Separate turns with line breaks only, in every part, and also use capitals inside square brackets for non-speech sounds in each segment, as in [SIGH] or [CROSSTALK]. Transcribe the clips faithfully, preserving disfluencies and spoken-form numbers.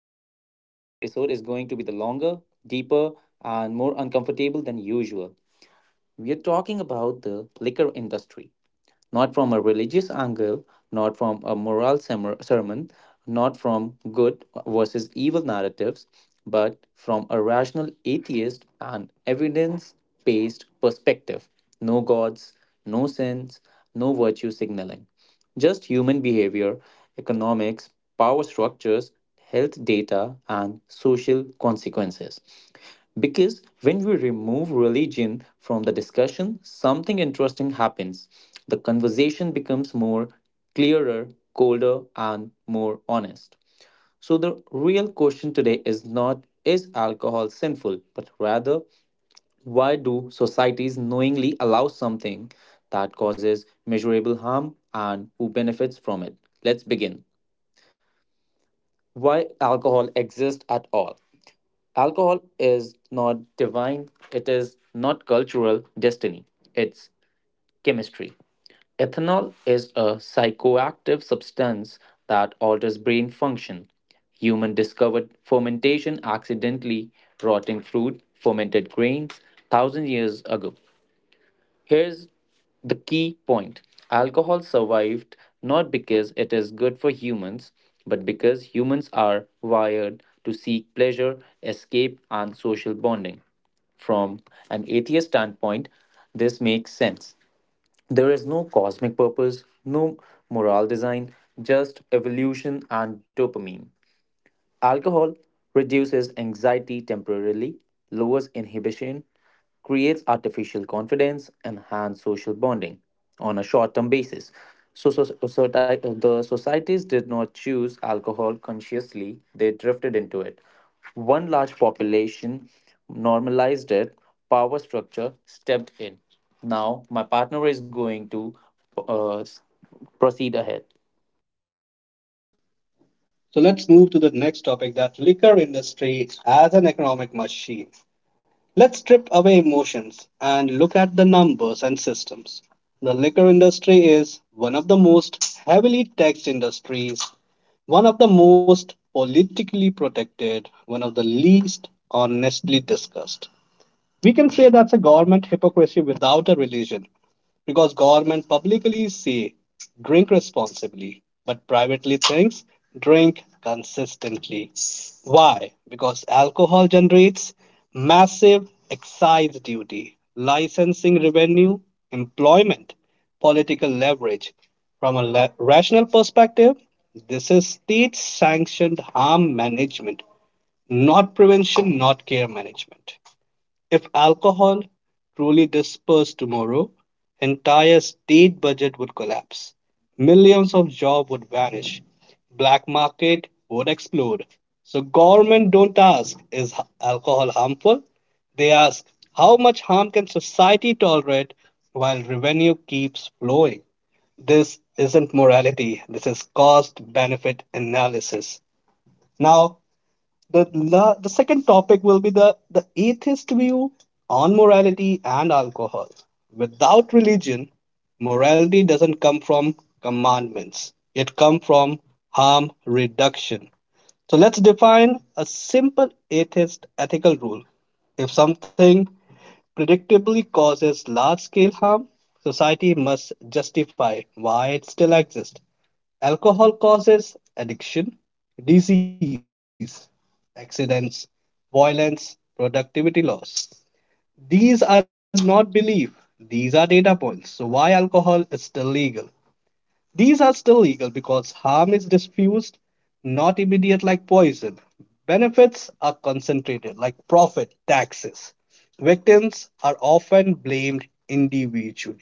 Today, ep- uh, today's episode is going to be the longer, deeper, and more uncomfortable than usual. We are talking about the liquor industry, not from a religious angle, not from a moral sem- sermon, not from good versus evil narratives, but from a rational atheist and evidence based perspective. No gods, no sins, no virtue signaling. Just human behavior, economics, power structures, health data, and social consequences. Because when we remove religion from the discussion, something interesting happens. The conversation becomes more clearer, colder, and more honest. So, the real question today is not is alcohol sinful, but rather why do societies knowingly allow something that causes measurable harm and who benefits from it? Let's begin. Why alcohol exists at all? Alcohol is not divine, it is not cultural destiny, it's chemistry. Ethanol is a psychoactive substance that alters brain function. Human discovered fermentation accidentally, rotting fruit, fermented grains, thousand years ago. Here's the key point alcohol survived not because it is good for humans, but because humans are wired to seek pleasure, escape, and social bonding. From an atheist standpoint, this makes sense. There is no cosmic purpose, no moral design, just evolution and dopamine. Alcohol reduces anxiety temporarily, lowers inhibition, creates artificial confidence, enhances social bonding on a short term basis. So, so, so so, ti- uh, the societies did not choose alcohol consciously, they drifted into it. One large population normalized it, power structure stepped in. Now, my partner is going to uh, proceed ahead.
So let's move to the next topic that liquor industry as an economic machine. Let's strip away emotions and look at the numbers and systems. The liquor industry is one of the most heavily taxed industries, one of the most politically protected, one of the least honestly discussed. We can say that's a government hypocrisy without a religion, because government publicly say drink responsibly, but privately thinks drink consistently. Why? Because alcohol generates massive excise duty, licensing revenue, employment, political leverage. From a la- rational perspective, this is state sanctioned harm management, not prevention, not care management. If alcohol truly dispersed tomorrow, entire state budget would collapse. Millions of jobs would vanish. Black market would explode. So government don't ask, is alcohol harmful? They ask, how much harm can society tolerate while revenue keeps flowing? This isn't morality. This is cost benefit analysis. Now the, the, the second topic will be the, the atheist view on morality and alcohol. Without religion, morality doesn't come from commandments, it comes from harm reduction. So let's define a simple atheist ethical rule. If something predictably causes large scale harm, society must justify why it still exists. Alcohol causes addiction, disease, accidents, violence, productivity loss. These are not belief, these are data points. So, why alcohol is still legal? These are still legal because harm is diffused, not immediate like poison. Benefits are concentrated like profit, taxes. Victims are often blamed individually.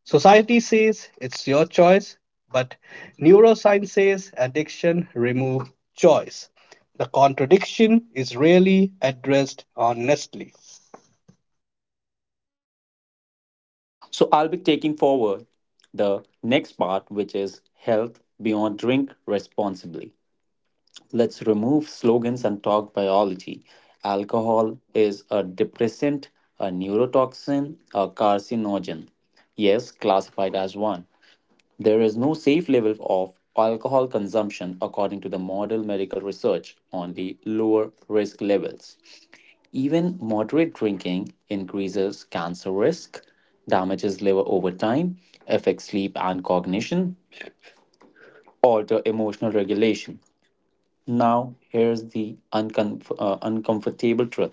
Society says it's your choice, but neuroscience says addiction remove choice. The contradiction is rarely addressed honestly.
So I'll be taking forward the next part, which is health beyond drink responsibly. Let's remove slogans and talk biology. Alcohol is a depressant, a neurotoxin, a carcinogen. Yes, classified as one. There is no safe level of alcohol consumption according to the model medical research, only lower risk levels. Even moderate drinking increases cancer risk, damages liver over time, affects sleep and cognition, alter emotional regulation. Now, here's the uncomf- uh, uncomfortable truth.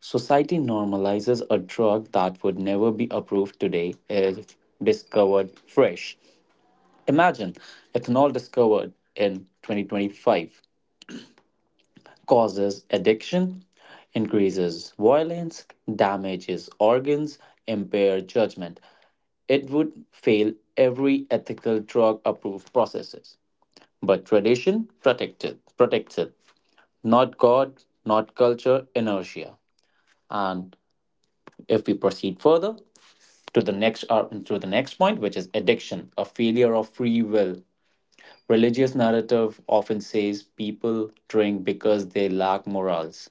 Society normalizes a drug that would never be approved today if discovered fresh. Imagine ethanol discovered in twenty twenty-five. Causes addiction, increases violence, damages organs, impair judgment. It would fail every ethical drug approved processes. But tradition protects it, protects it. Not God, not culture, inertia. And if we proceed further to the next uh, to the next point, which is addiction, a failure of free will. Religious narrative often says people drink because they lack morals.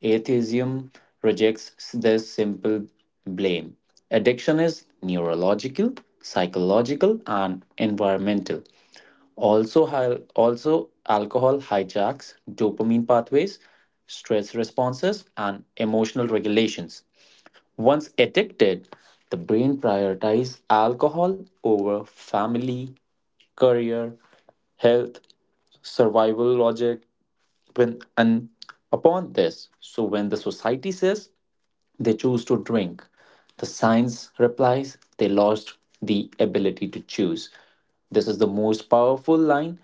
Atheism rejects this simple blame. Addiction is neurological, psychological, and environmental. Also, hi- also alcohol hijacks dopamine pathways, stress responses, and emotional regulations. Once addicted, the brain prioritizes alcohol over family, career, health, survival logic when and upon this. So when the society says they choose to drink, the science replies they lost the ability to choose. This is the most powerful line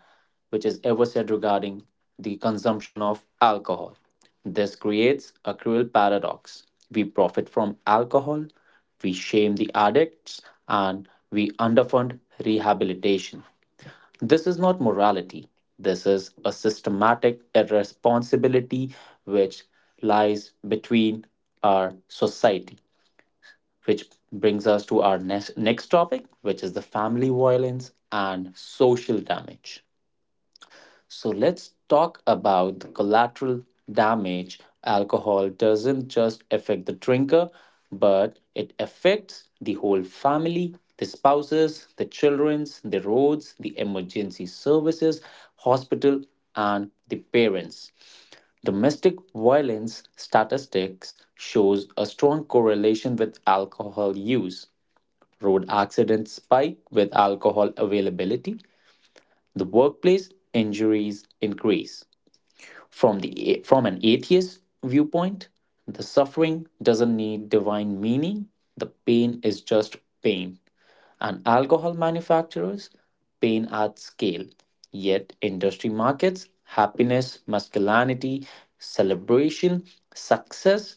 which is ever said regarding the consumption of alcohol. This creates a cruel paradox. We profit from alcohol, we shame the addicts, and we underfund rehabilitation. This is not morality. This is a systematic irresponsibility which lies between our society, which brings us to our next, next topic, which is the family violence and social damage. So let's talk about the collateral damage. Alcohol doesn't just affect the drinker, but it affects the whole family, the spouses, the children's, the roads, the emergency services, hospital, and the parents. Domestic violence statistics shows a strong correlation with alcohol use. Road accidents spike with alcohol availability. The workplace injuries increase. From, the, from an atheist viewpoint, the suffering doesn't need divine meaning, the pain is just pain. And alcohol manufacturers, pain at scale. Yet, industry markets, happiness, masculinity, celebration, success,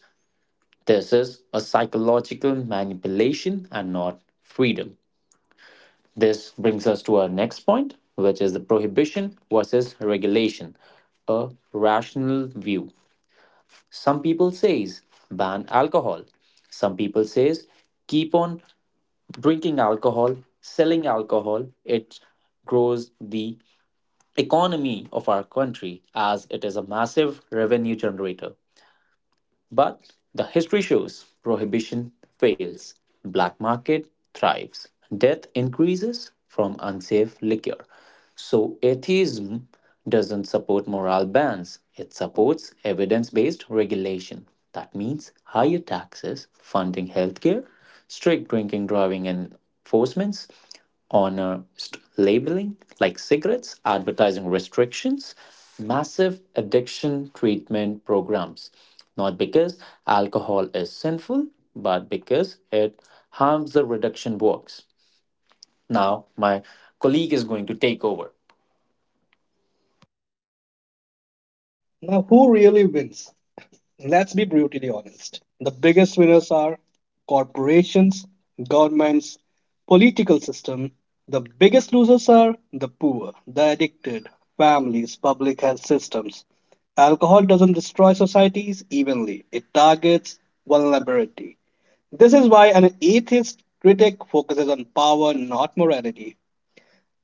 this is a psychological manipulation and not freedom. This brings us to our next point, which is the prohibition versus regulation, a rational view. Some people says ban alcohol. Some people says keep on drinking alcohol, selling alcohol. It grows the economy of our country as it is a massive revenue generator. But the history shows prohibition fails, black market thrives, death increases from unsafe liquor. So atheism doesn't support moral bans, it supports evidence based regulation. That means higher taxes, funding healthcare, strict drinking driving enforcements, honest labeling like cigarettes, advertising restrictions, massive addiction treatment programs. Not because alcohol is sinful, but because it harms the reduction works. Now, my colleague is going to take over.
Now, who really wins? Let's be brutally honest. The biggest winners are corporations, governments, political system. The biggest losers are the poor, the addicted, families, public health systems. Alcohol doesn't destroy societies evenly. It targets vulnerability. This is why an atheist critic focuses on power, not morality,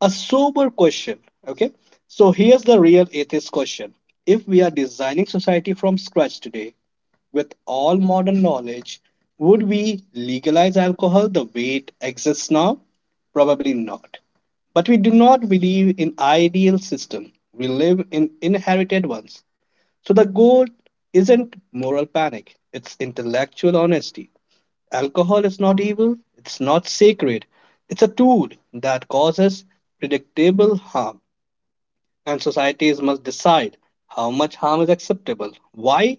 a sober question. Okay, so here's the real atheist question, if we are designing society from scratch today with all modern knowledge, would we legalize alcohol the way it exists now? Probably not. But we do not believe in ideal system. We live in inherited ones. So the goal isn't moral panic, it's intellectual honesty. Alcohol is not evil, it's not sacred. It's a tool that causes predictable harm, and societies must decide how much harm is acceptable, why,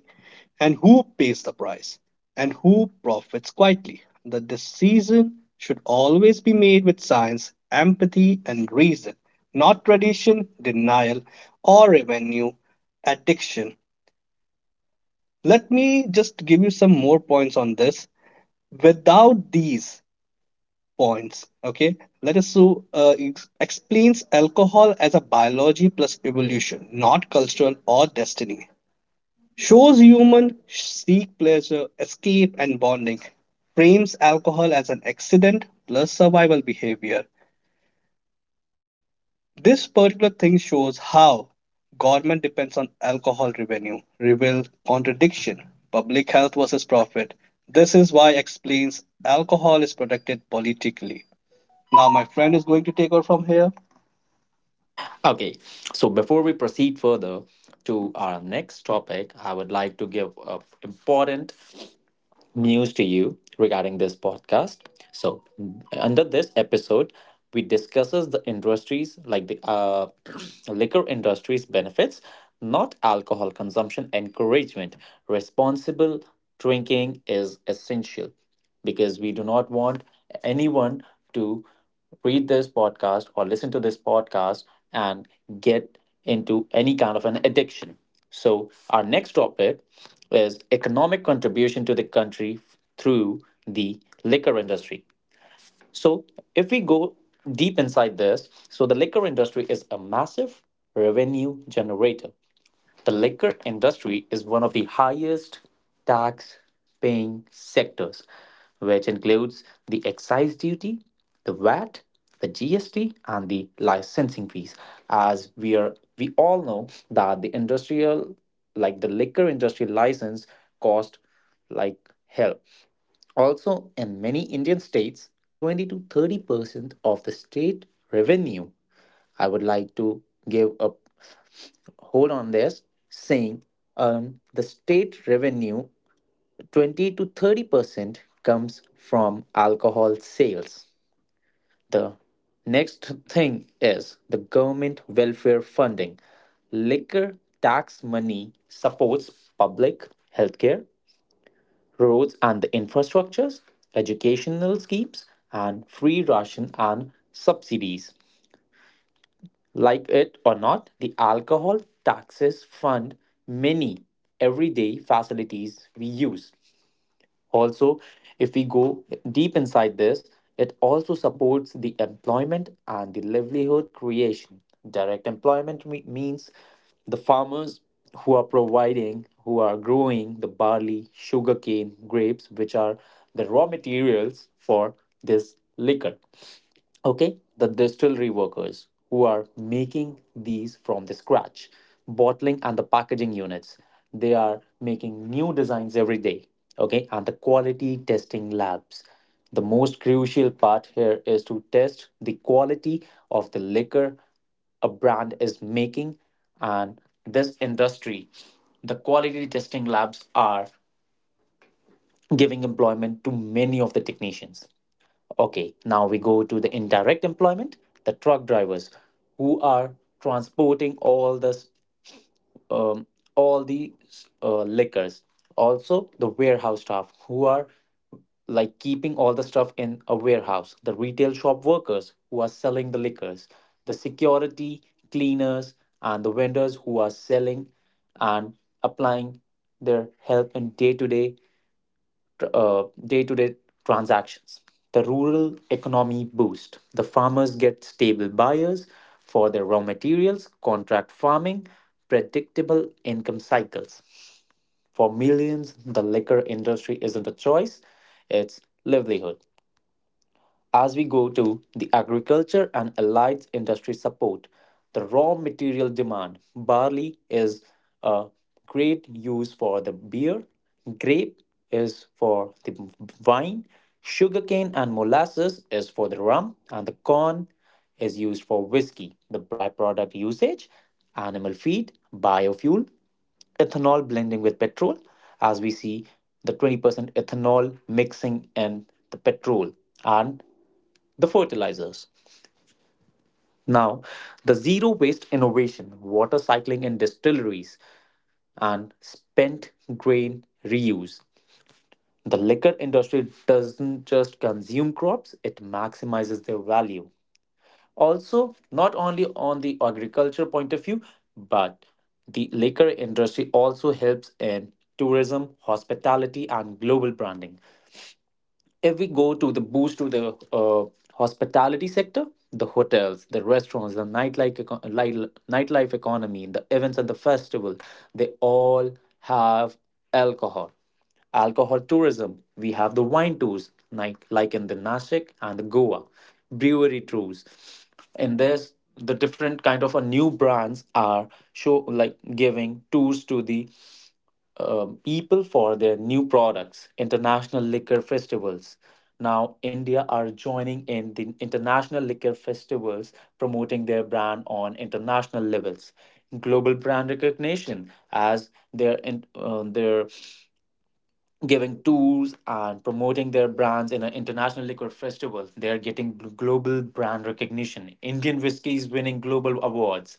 and who pays the price, and who profits quietly. The decision should always be made with science, empathy, and reason, not tradition, denial, or revenue addiction. Let me just give you some more points on this. Without these, points. Okay, let us so uh, ex- explains alcohol as a biology plus evolution, not cultural or destiny. Shows human seek pleasure, escape, and bonding. Frames alcohol as an accident plus survival behavior. This particular thing shows how government depends on alcohol revenue, reveal contradiction, public health versus profit. This is why explains alcohol is protected politically. Now my friend is going to take over from here.
Okay, so before we proceed further to our next topic, I would like to give an important news to you regarding this podcast. So, under this episode, we discusses the industries like the uh, [CLEARS THROAT] liquor industry's benefits, not alcohol consumption encouragement. Responsible drinking is essential because we do not want anyone to read this podcast or listen to this podcast and get into any kind of an addiction. So, our next topic is economic contribution to the country through the liquor industry. So, if we go deep inside this, so the liquor industry is a massive revenue generator. The liquor industry is one of the highest tax paying sectors, which includes the excise duty, the V A T, the G S T, and the licensing fees. As we are we all know that the industrial like the liquor industry license cost like hell. Also, in many Indian states, twenty to thirty percent of the state revenue. I would like to give up hold on this saying um, the state revenue twenty to 30 percent comes from alcohol sales. The next thing is the government welfare funding. Liquor tax money supports public healthcare, roads and the infrastructures, educational schemes, and free ration and subsidies. Like it or not, the alcohol taxes fund many everyday facilities we use. Also, if we go deep inside this, it also supports the employment and the livelihood creation. Direct employment me- means the farmers who are providing, who are growing the barley, sugarcane, grapes, which are the raw materials for this liquor. Okay, the distillery workers who are making these from the scratch, bottling and the packaging units, they are making new designs every day. Okay, and the quality testing labs, the most crucial part here is to test the quality of the liquor a brand is making, and this industry, the quality testing labs are giving employment to many of the technicians. Okay, now we go to the indirect employment, the truck drivers who are transporting all the um, all the s- uh, liquors. Also, the warehouse staff who are like keeping all the stuff in a warehouse, the retail shop workers who are selling the liquors, the security, cleaners, and the vendors who are selling and applying their help in day-to-day uh, day-to-day transactions. The rural economy boost. The farmers get stable buyers for their raw materials, contract farming, predictable income cycles. For millions, the liquor industry isn't a choice, it's livelihood. As we go to the agriculture and allied industry support, the raw material demand, barley is a great use for the beer, grape is for the wine, sugarcane and molasses is for the rum, and the corn is used for whiskey. The byproduct usage, animal feed, biofuel, ethanol blending with petrol, as we see the twenty percent ethanol mixing in the petrol and the fertilizers. Now, the zero waste innovation, water cycling in distilleries, and spent grain reuse. The liquor industry doesn't just consume crops, it maximizes their value. Also, not only on the agriculture point of view, but the liquor industry also helps in tourism, hospitality, and global branding. If we go to the boost to the uh, hospitality sector, the hotels, the restaurants, the nightlife, eco- li- nightlife economy, the events and the festival, they all have alcohol. Alcohol tourism, we have the wine tours, like, like in the Nashik and the Goa, brewery tours. In this, the different kind of uh, new brands are show like giving tours to the um, people for their new products, international liquor festivals. Now, India are joining in the international liquor festivals, promoting their brand on international levels. Global brand recognition as they're in, uh, they're giving tours and promoting their brands in an international liquor festival. They're getting gl- global brand recognition. Indian whiskey is winning global awards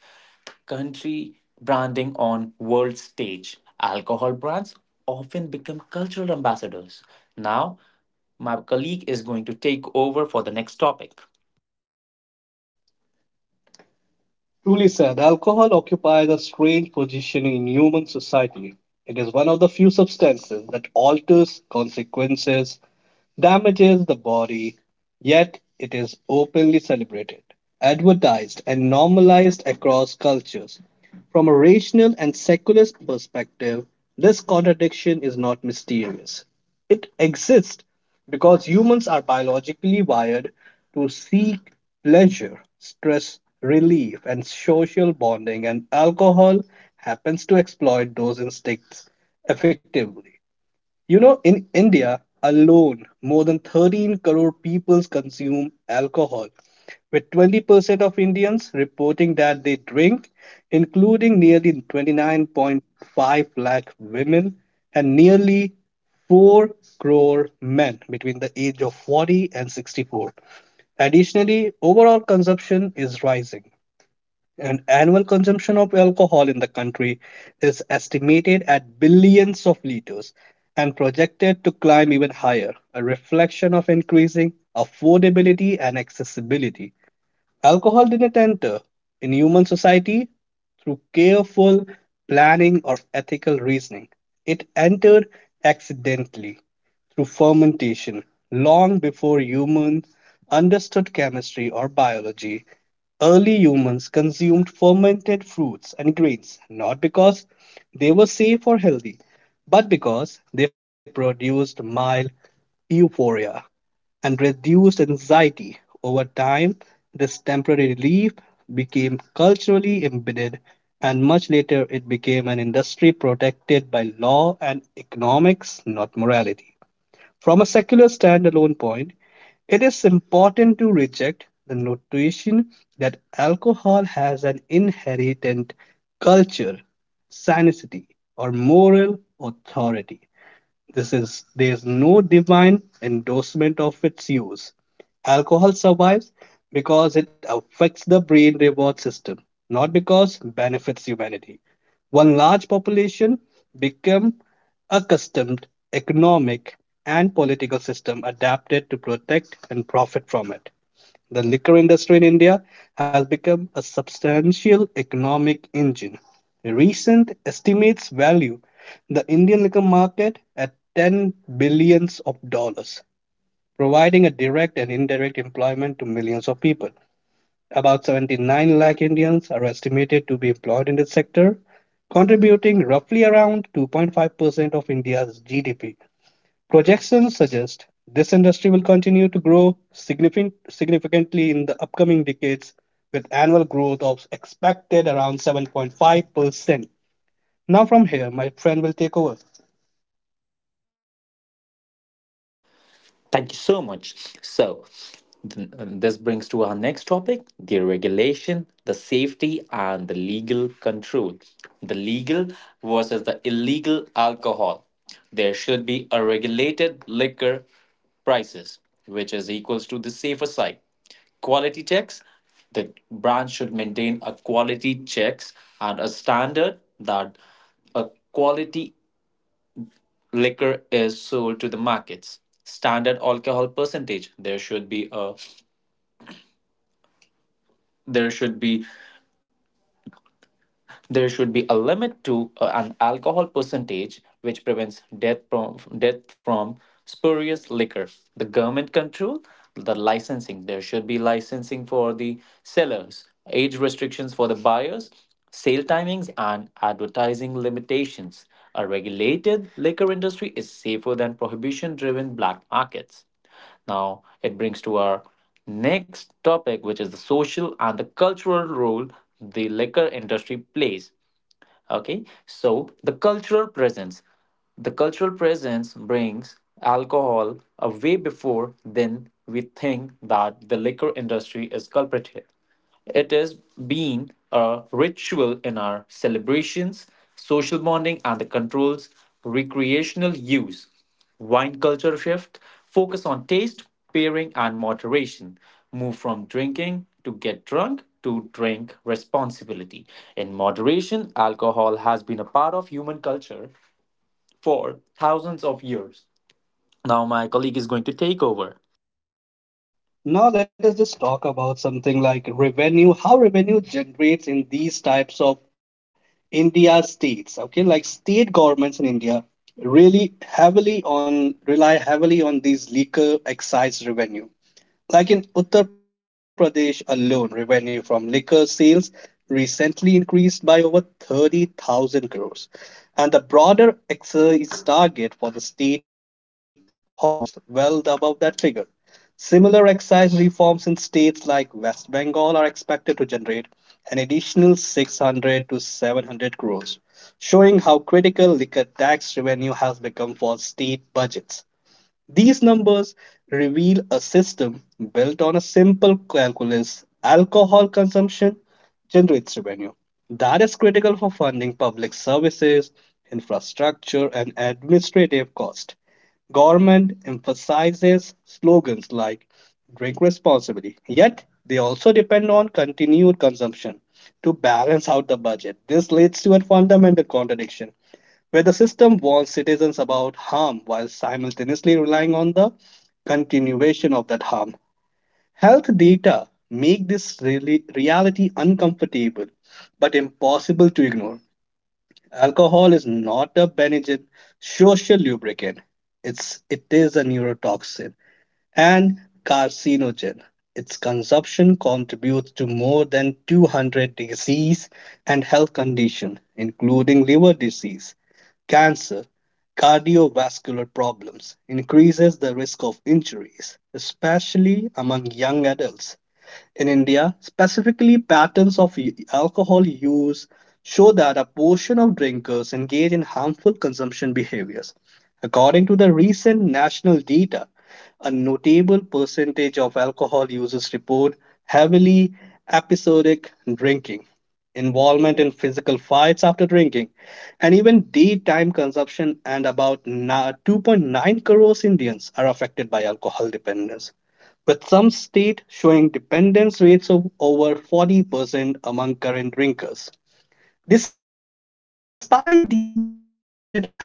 country branding on world stage. Alcohol brands often become cultural ambassadors. Now, my colleague is going to take over for the next topic.
Truly said, alcohol occupies a strange position in human society. It is one of the few substances that alters consequences, damages the body, yet it is openly celebrated, advertised, and normalized across cultures. From a rational and secular perspective, this contradiction is not mysterious. It exists because humans are biologically wired to seek pleasure, stress relief, and social bonding, and alcohol happens to exploit those instincts effectively. You know, in India alone, more than thirteen crore people consume alcohol, with twenty percent of Indians reporting that they drink, including nearly twenty-nine point five lakh women and nearly four crore men between the age of forty and sixty-four. Additionally, overall consumption is rising, and annual consumption of alcohol in the country is estimated at billions of liters and projected to climb even higher, a reflection of increasing affordability and accessibility. Alcohol didn't enter in human society through careful planning or ethical reasoning. It entered accidentally through fermentation long before humans understood chemistry or biology. Early humans consumed fermented fruits and grains not because they were safe or healthy, but because they produced mild euphoria and reduced anxiety. Over time, this temporary relief became culturally embedded, and much later it became an industry protected by law and economics, not morality. From a secular standalone point, it is important to reject the notation that alcohol has an inherent culture, sanicity, or moral authority. This is there is no divine endorsement of its use. Alcohol survives because it affects the brain reward system, not because it benefits humanity. One large population become accustomed economic and political system adapted to protect and profit from it. The liquor industry in India has become a substantial economic engine. Recent estimates value the Indian liquor market at ten billions of dollars, providing a direct and indirect employment to millions of people. About seventy-nine lakh Indians are estimated to be employed in this sector, contributing roughly around two point five percent of India's G D P. Projections suggest this industry will continue to grow significant- significantly in the upcoming decades, with annual growth of expected around seven point five percent. Now, from here, my friend will take over.
Thank you so much. So, th- uh, this brings to our next topic the regulation, the safety, and the legal control. The legal versus the illegal alcohol. There should be a regulated liquor prices, which is equals to the safer side. Quality checks. The brand should maintain a quality checks and a standard that a quality liquor is sold to the markets standard alcohol percentage there should be a there should be there should be a limit to uh, an alcohol percentage which prevents death from death from spurious liquor. The government control, the licensing. There should be licensing for the sellers, age restrictions for the buyers, sale timings, and advertising limitations. A regulated liquor industry is safer than prohibition driven black markets. Now, it brings to our next topic, which is the social and the cultural role the liquor industry plays. Okay, so the cultural presence. The cultural presence brings alcohol a way before then we think that the liquor industry is culprit here. It has been a ritual in our celebrations, social bonding, and the controls recreational use. Wine culture shift, focus on taste, pairing, and moderation. Move from drinking to get drunk to drink responsibility. In moderation, alcohol has been a part of human culture for thousands of years. Now, my colleague is going to take over.
Now, let us just talk about something like revenue, how revenue generates in these types of India states. Okay, like state governments in India really heavily on rely heavily on these liquor excise revenue. Like in Uttar Pradesh alone, revenue from liquor sales recently increased by over thirty thousand crores. And the broader excise target for the state hovers well above that figure. Similar excise reforms in states like West Bengal are expected to generate an additional six hundred to seven hundred crores, showing how critical liquor tax revenue has become for state budgets. These numbers reveal a system built on a simple calculus, alcohol consumption generates revenue. That is critical for funding public services, infrastructure, and administrative costs. Government emphasizes slogans like drink responsibly, yet they also depend on continued consumption to balance out the budget. This leads to a fundamental contradiction where the system warns citizens about harm while simultaneously relying on the continuation of that harm. Health data make this really reality uncomfortable but impossible to ignore. Alcohol is not a Benadryl social lubricant. It's it is a neurotoxin and carcinogen. Its consumption contributes to more than two hundred disease and health conditions, including liver disease, cancer, cardiovascular problems, increases the risk of injuries, especially among young adults in India, specifically patterns of y- alcohol use, show that a portion of drinkers engage in harmful consumption behaviors. According to the recent national data, a notable percentage of alcohol users report heavily episodic drinking, involvement in physical fights after drinking, and even daytime consumption. And about na- two point nine crores Indians are affected by alcohol dependence with some states showing dependence rates of over forty percent among current drinkers. Despite these documented harms, alcohol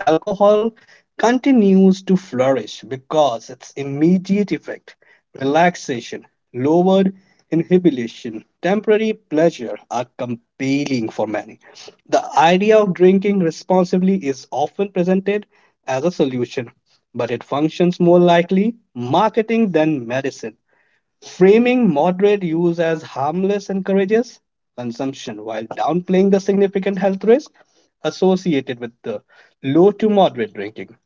continues to flourish because its immediate effect, relaxation, lowered inhibition, temporary pleasure are compelling for many. The idea of drinking responsibly is often presented as a solution, but it functions more likely marketing than medicine, framing moderate use as harmless encourages consumption while downplaying the significant health risk associated with the low to moderate drinking.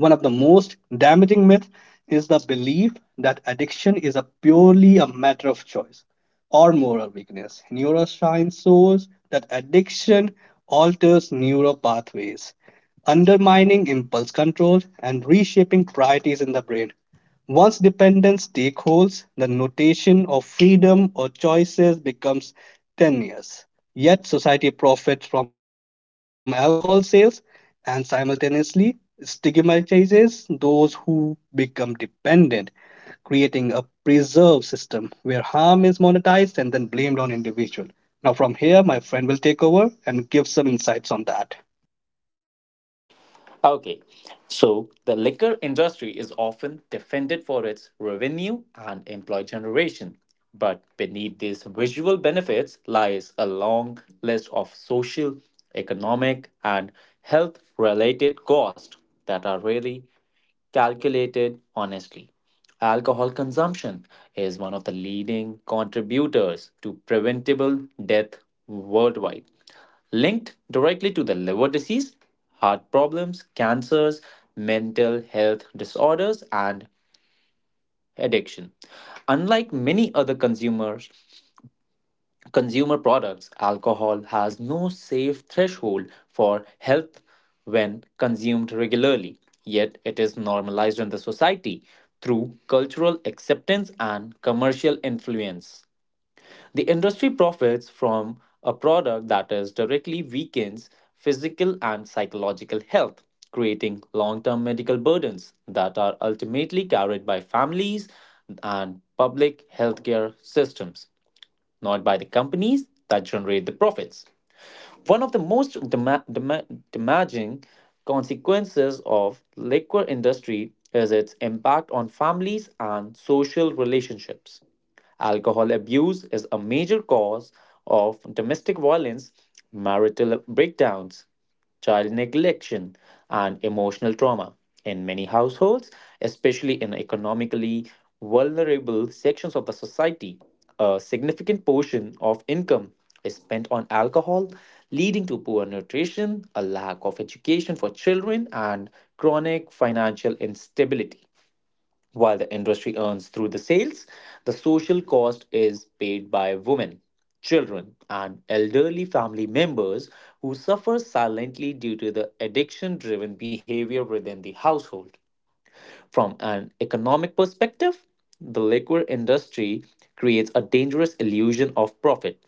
One of the most damaging myths is the belief that addiction is a purely a matter of choice or moral weakness. Neuroscience shows that addiction alters neural pathways, undermining impulse control and reshaping priorities in the brain. Once dependence takes hold, the notation of freedom or choices becomes tenuous. Yet, society profits from alcohol sales and simultaneously stigmatizes those who become dependent, creating a preserve system where harm is monetized and then blamed on individual. Now, from here, my friend will take over and give some insights on that.
Okay, so the liquor industry is often defended for its revenue and employee generation. But beneath these visual benefits lies a long list of social, economic, and health related costs that are really calculated honestly. Alcohol consumption is one of the leading contributors to preventable death worldwide, linked directly to the liver disease, heart problems, cancers, mental health disorders, and addiction. Unlike many other consumers, consumer products, alcohol has no safe threshold for health when consumed regularly, yet it is normalized in the society through cultural acceptance and commercial influence. The industry profits from a product that is directly weakens physical and psychological health, creating long term medical burdens that are ultimately carried by families and public healthcare systems, not by the companies that generate the profits. One of the most dema- dema- damaging consequences of liquor industry is its impact on families and social relationships. Alcohol abuse is a major cause of domestic violence, marital breakdowns, child neglection, and emotional trauma. In many households, especially in economically vulnerable sections of the society, a significant portion of income is spent on alcohol, leading to poor nutrition, a lack of education for children, and chronic financial instability. While the industry earns through the sales, the social cost is paid by women, children, and elderly family members who suffer silently due to the addiction driven behavior within the household. From an economic perspective, the liquor industry creates a dangerous illusion of profit.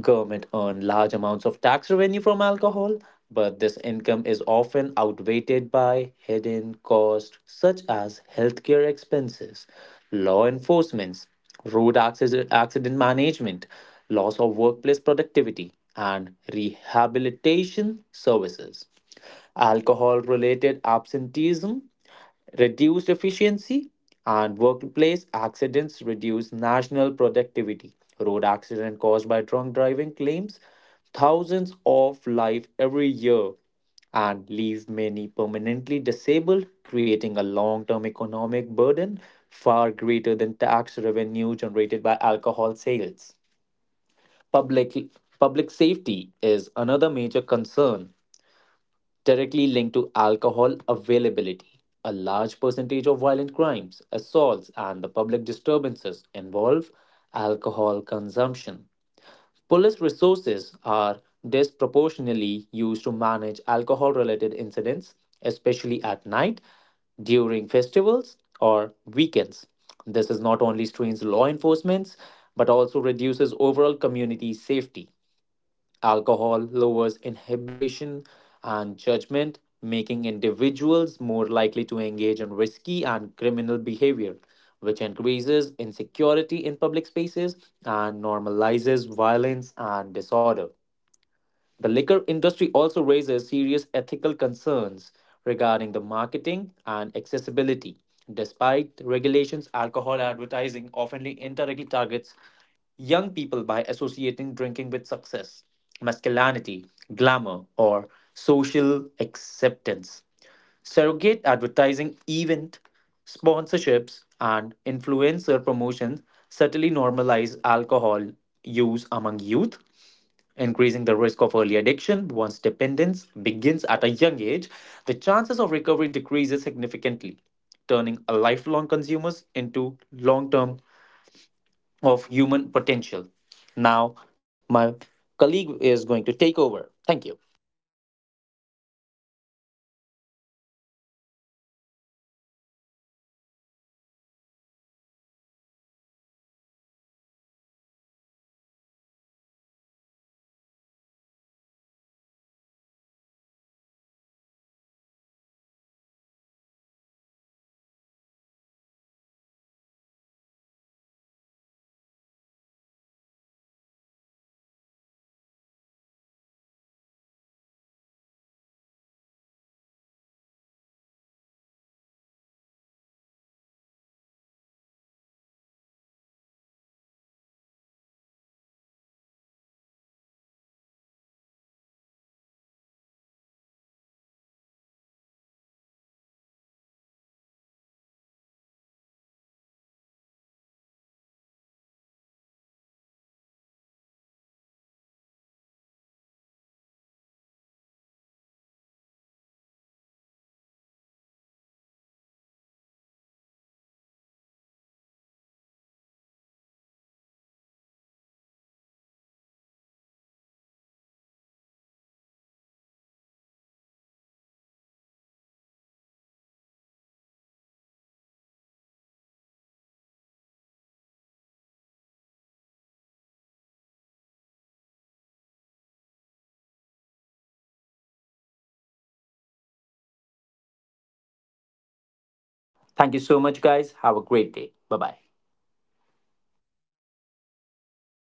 Government earn large amounts of tax revenue from alcohol, but this income is often outweighed by hidden costs such as healthcare expenses, law enforcement, road acci- accident management, loss of workplace productivity, and rehabilitation services. Alcohol related absenteeism, reduced efficiency, and workplace accidents reduce national productivity. Road accident caused by drunk driving claims thousands of life every year and leave many permanently disabled, creating a long-term economic burden far greater than tax revenue generated by alcohol sales. Public public safety is another major concern directly linked to alcohol availability. A large percentage of violent crimes, assaults, and the public disturbances involve alcohol consumption. Police resources are disproportionately used to manage alcohol related incidents, especially at night, during festivals, or weekends. This is not only strains law enforcement but also reduces overall community safety. Alcohol lowers inhibition and judgment, making individuals more likely to engage in risky and criminal behavior, which increases insecurity in public spaces and normalizes violence and disorder. The liquor industry also raises serious ethical concerns regarding the marketing and accessibility. Despite regulations, alcohol advertising often indirectly targets young people by associating drinking with success, masculinity, glamour, or social acceptance. Surrogate advertising, event sponsorships, and influencer promotions subtly normalize alcohol use among youth, increasing the risk of early addiction. Once dependence begins at a young age, the chances of recovery decreases significantly, turning a lifelong consumers into long term of human potential. Now, my colleague is going to take over. Thank you. Thank you so much, guys. Have a great day. Bye bye.